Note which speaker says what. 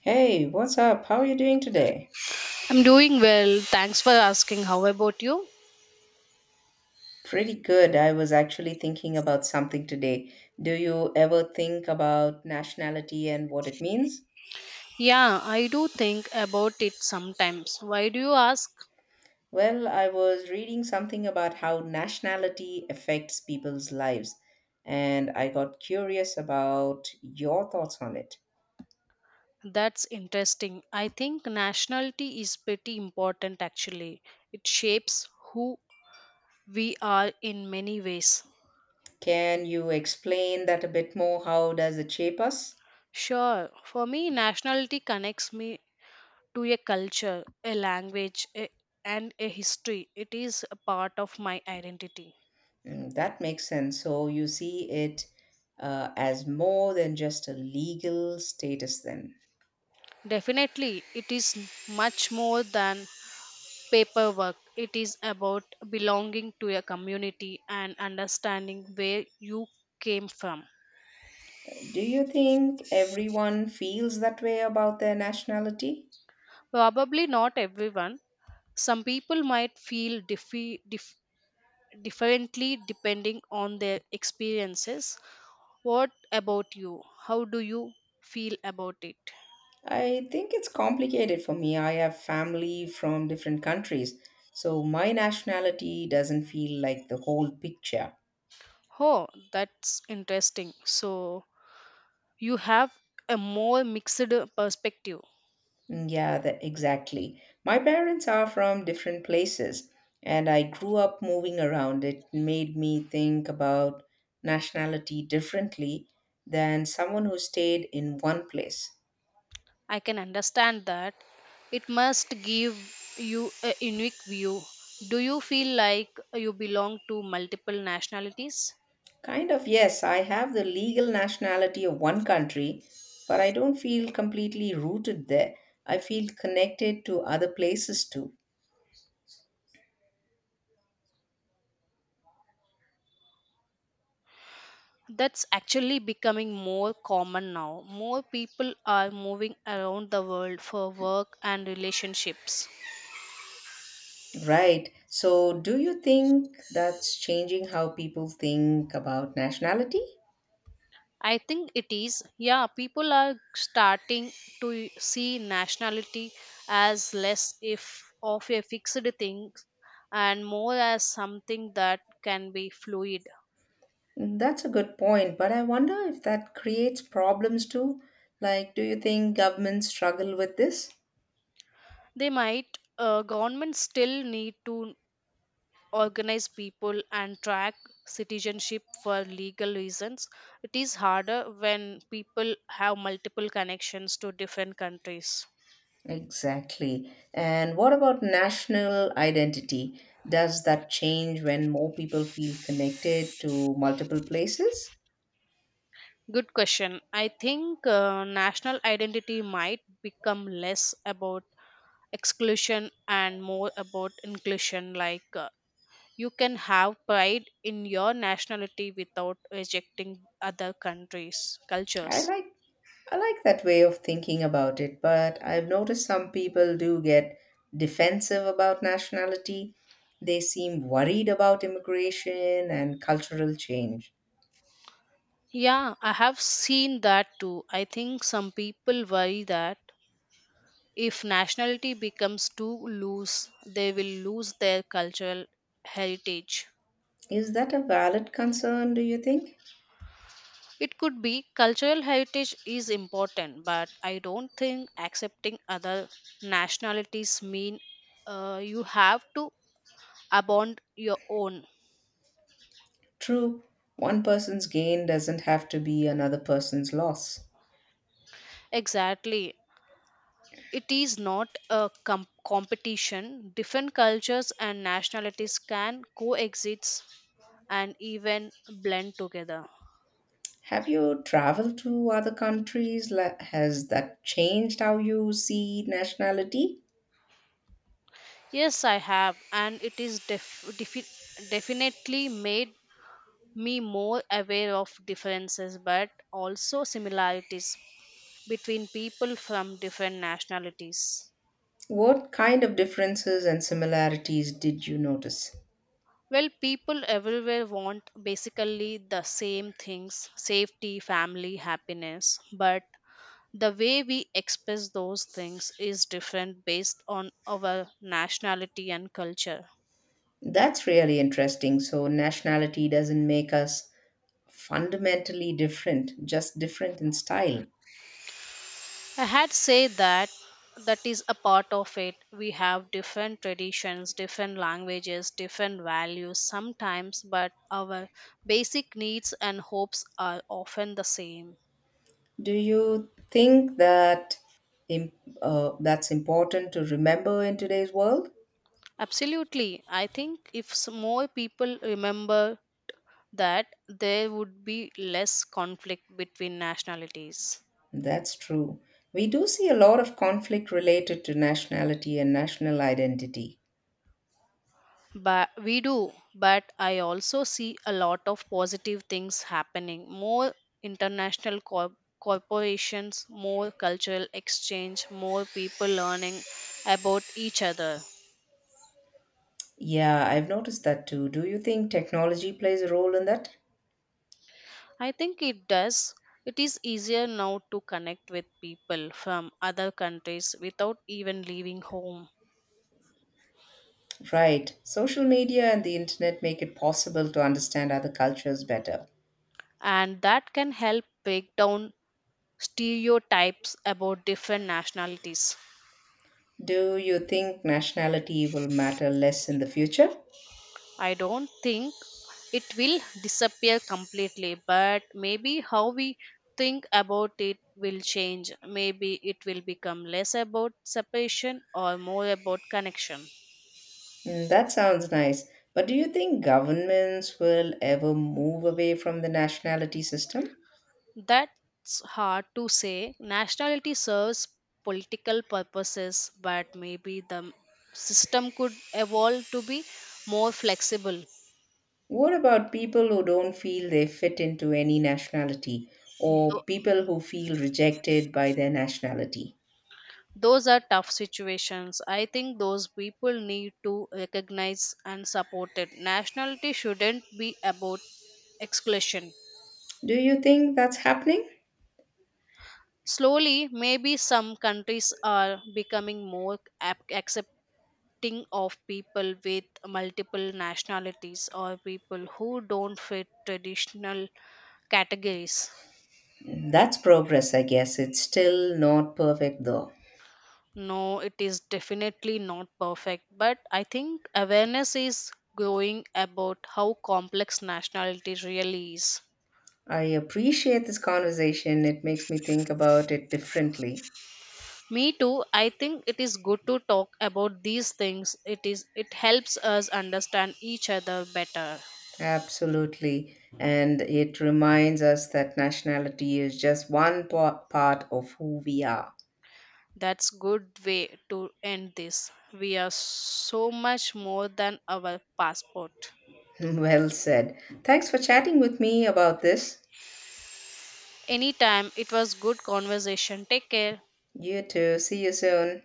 Speaker 1: Hey, what's up? How are you doing today?
Speaker 2: I'm doing well. Thanks for asking. How about you?
Speaker 1: Pretty good. I was actually thinking about something today. Do you ever think about nationality and what it means?
Speaker 2: Yeah, I do think about it sometimes. Why do you ask?
Speaker 1: Well, I was reading something about how nationality affects people's lives, and I got curious about your thoughts on it.
Speaker 2: That's interesting. I think nationality is pretty important actually. It shapes who we are in many ways.
Speaker 1: Can you explain that a bit more? How does it shape us?
Speaker 2: Sure, for me, nationality connects me to a culture, a language, and a history. It is a part of my identity.
Speaker 1: Mm, that makes sense. So you see it as more than just a legal status then.
Speaker 2: Definitely, it is much more than paperwork. It is about belonging to a community and understanding where you came from.
Speaker 1: Do you think everyone feels that way about their nationality?
Speaker 2: Probably not everyone. Some people might feel differently depending on their experiences. What about you? How do you feel about it?
Speaker 1: I think it's complicated for me. I have family from different countries, so my nationality doesn't feel like the whole picture.
Speaker 2: Oh, that's interesting. So, you have a more mixed perspective.
Speaker 1: Mm, yeah, exactly. My parents are from different places, and I grew up moving around. It made me think about nationality differently than someone who stayed in one place.
Speaker 2: I can understand that. It must give you a unique view. Do you feel like you belong to multiple nationalities?
Speaker 1: Kind of, yes. I have the legal nationality of one country, but I don't feel completely rooted there. I feel connected to other places too.
Speaker 2: That's actually becoming more common now. More people are moving around the world for work and relationships.
Speaker 1: Right. So, do you think that's changing how people think about nationality?
Speaker 2: I think it is. Yeah, people are starting to see nationality as less if of a fixed thing and more as something that can be fluid.
Speaker 1: That's a good point, but I wonder if that creates problems too. Like, do you think governments struggle with this?
Speaker 2: They might. Governments still need to organize people and track citizenship for legal reasons. It is harder when people have multiple connections to different countries.
Speaker 1: Exactly. And what about national identity? Does that change when more people feel connected to multiple places?
Speaker 2: Good question. I think national identity might become less about exclusion and more about inclusion. Like you can have pride in your nationality without rejecting other countries'
Speaker 1: I
Speaker 2: cultures.
Speaker 1: like I like that way of thinking about it, but I've noticed some people do get defensive about nationality. They seem worried about immigration and cultural change.
Speaker 2: Yeah, I have seen that too. I think some people worry that if nationality becomes too loose, they will lose their cultural heritage.
Speaker 1: Is that a valid concern, do you think?
Speaker 2: It could be cultural heritage is important, but I don't think accepting other nationalities mean you have to abandon your own.
Speaker 1: True, one person's gain doesn't have to be another person's loss.
Speaker 2: Exactly. It is not a competition. Different cultures and nationalities can coexist and even blend together.
Speaker 1: Have you traveled to other countries? Has that changed how you see nationality?
Speaker 2: Yes, I have, and it is definitely made me more aware of differences but also similarities between people from different nationalities.
Speaker 1: What kind of differences and similarities did you notice?
Speaker 2: Well, people everywhere want basically the same things: safety, family, happiness, but the way we express those things is different based on our nationality and culture.
Speaker 1: That's really interesting. So, nationality doesn't make us fundamentally different, just different in style.
Speaker 2: I had said that that is a part of it. We have different traditions, different languages, different values sometimes, but our basic needs and hopes are often the same.
Speaker 1: Do you think that im- that's important to remember in today's world?
Speaker 2: Absolutely. I think if more people remember that, there would be less conflict between nationalities.
Speaker 1: That's true. We do see a lot of conflict related to nationality and national identity.
Speaker 2: But we do but I also see a lot of positive things happening: more international corporations, more cultural exchange, more people learning about each other.
Speaker 1: Yeah, I've noticed that too. Do you think technology plays a role in that?
Speaker 2: I think it does. It is easier now to connect with people from other countries without even leaving home.
Speaker 1: Right. Social media and the internet make it possible to understand other cultures better.
Speaker 2: And that can help break down stereotypes about different nationalities.
Speaker 1: Do you think nationality will matter less in the future?
Speaker 2: I don't think it will disappear completely, but maybe how we think about it will change. Maybe it will become less about separation or more about connection.
Speaker 1: Mm, that sounds nice. But do you think governments will ever move away from the nationality system?
Speaker 2: That's hard to say. Nationality serves political purposes, but maybe the system could evolve to be more flexible.
Speaker 1: What about people who don't feel they fit into any nationality or
Speaker 2: Tho-
Speaker 1: people who feel rejected by their nationality?
Speaker 2: Those are tough situations. I think those people need to recognize and support it. Nationality shouldn't be about exclusion.
Speaker 1: Do you think that's happening?
Speaker 2: Slowly, maybe some countries are becoming more accepting of people with multiple nationalities or people who don't fit traditional categories.
Speaker 1: That's progress, I guess. It's still not perfect, though.
Speaker 2: No, it is definitely not perfect, but I think awareness is growing about how complex nationality really is.
Speaker 1: I appreciate this conversation. It makes me think about it differently.
Speaker 2: Me too. I think it is good to talk about these things. It helps us understand each other better.
Speaker 1: Absolutely. And it reminds us that nationality is just one part of who we are.
Speaker 2: That's good way to end this. We are so much more than our passport.
Speaker 1: Well said. Thanks for chatting with me about this.
Speaker 2: Anytime, it was good conversation. Take care.
Speaker 1: You too. See you soon.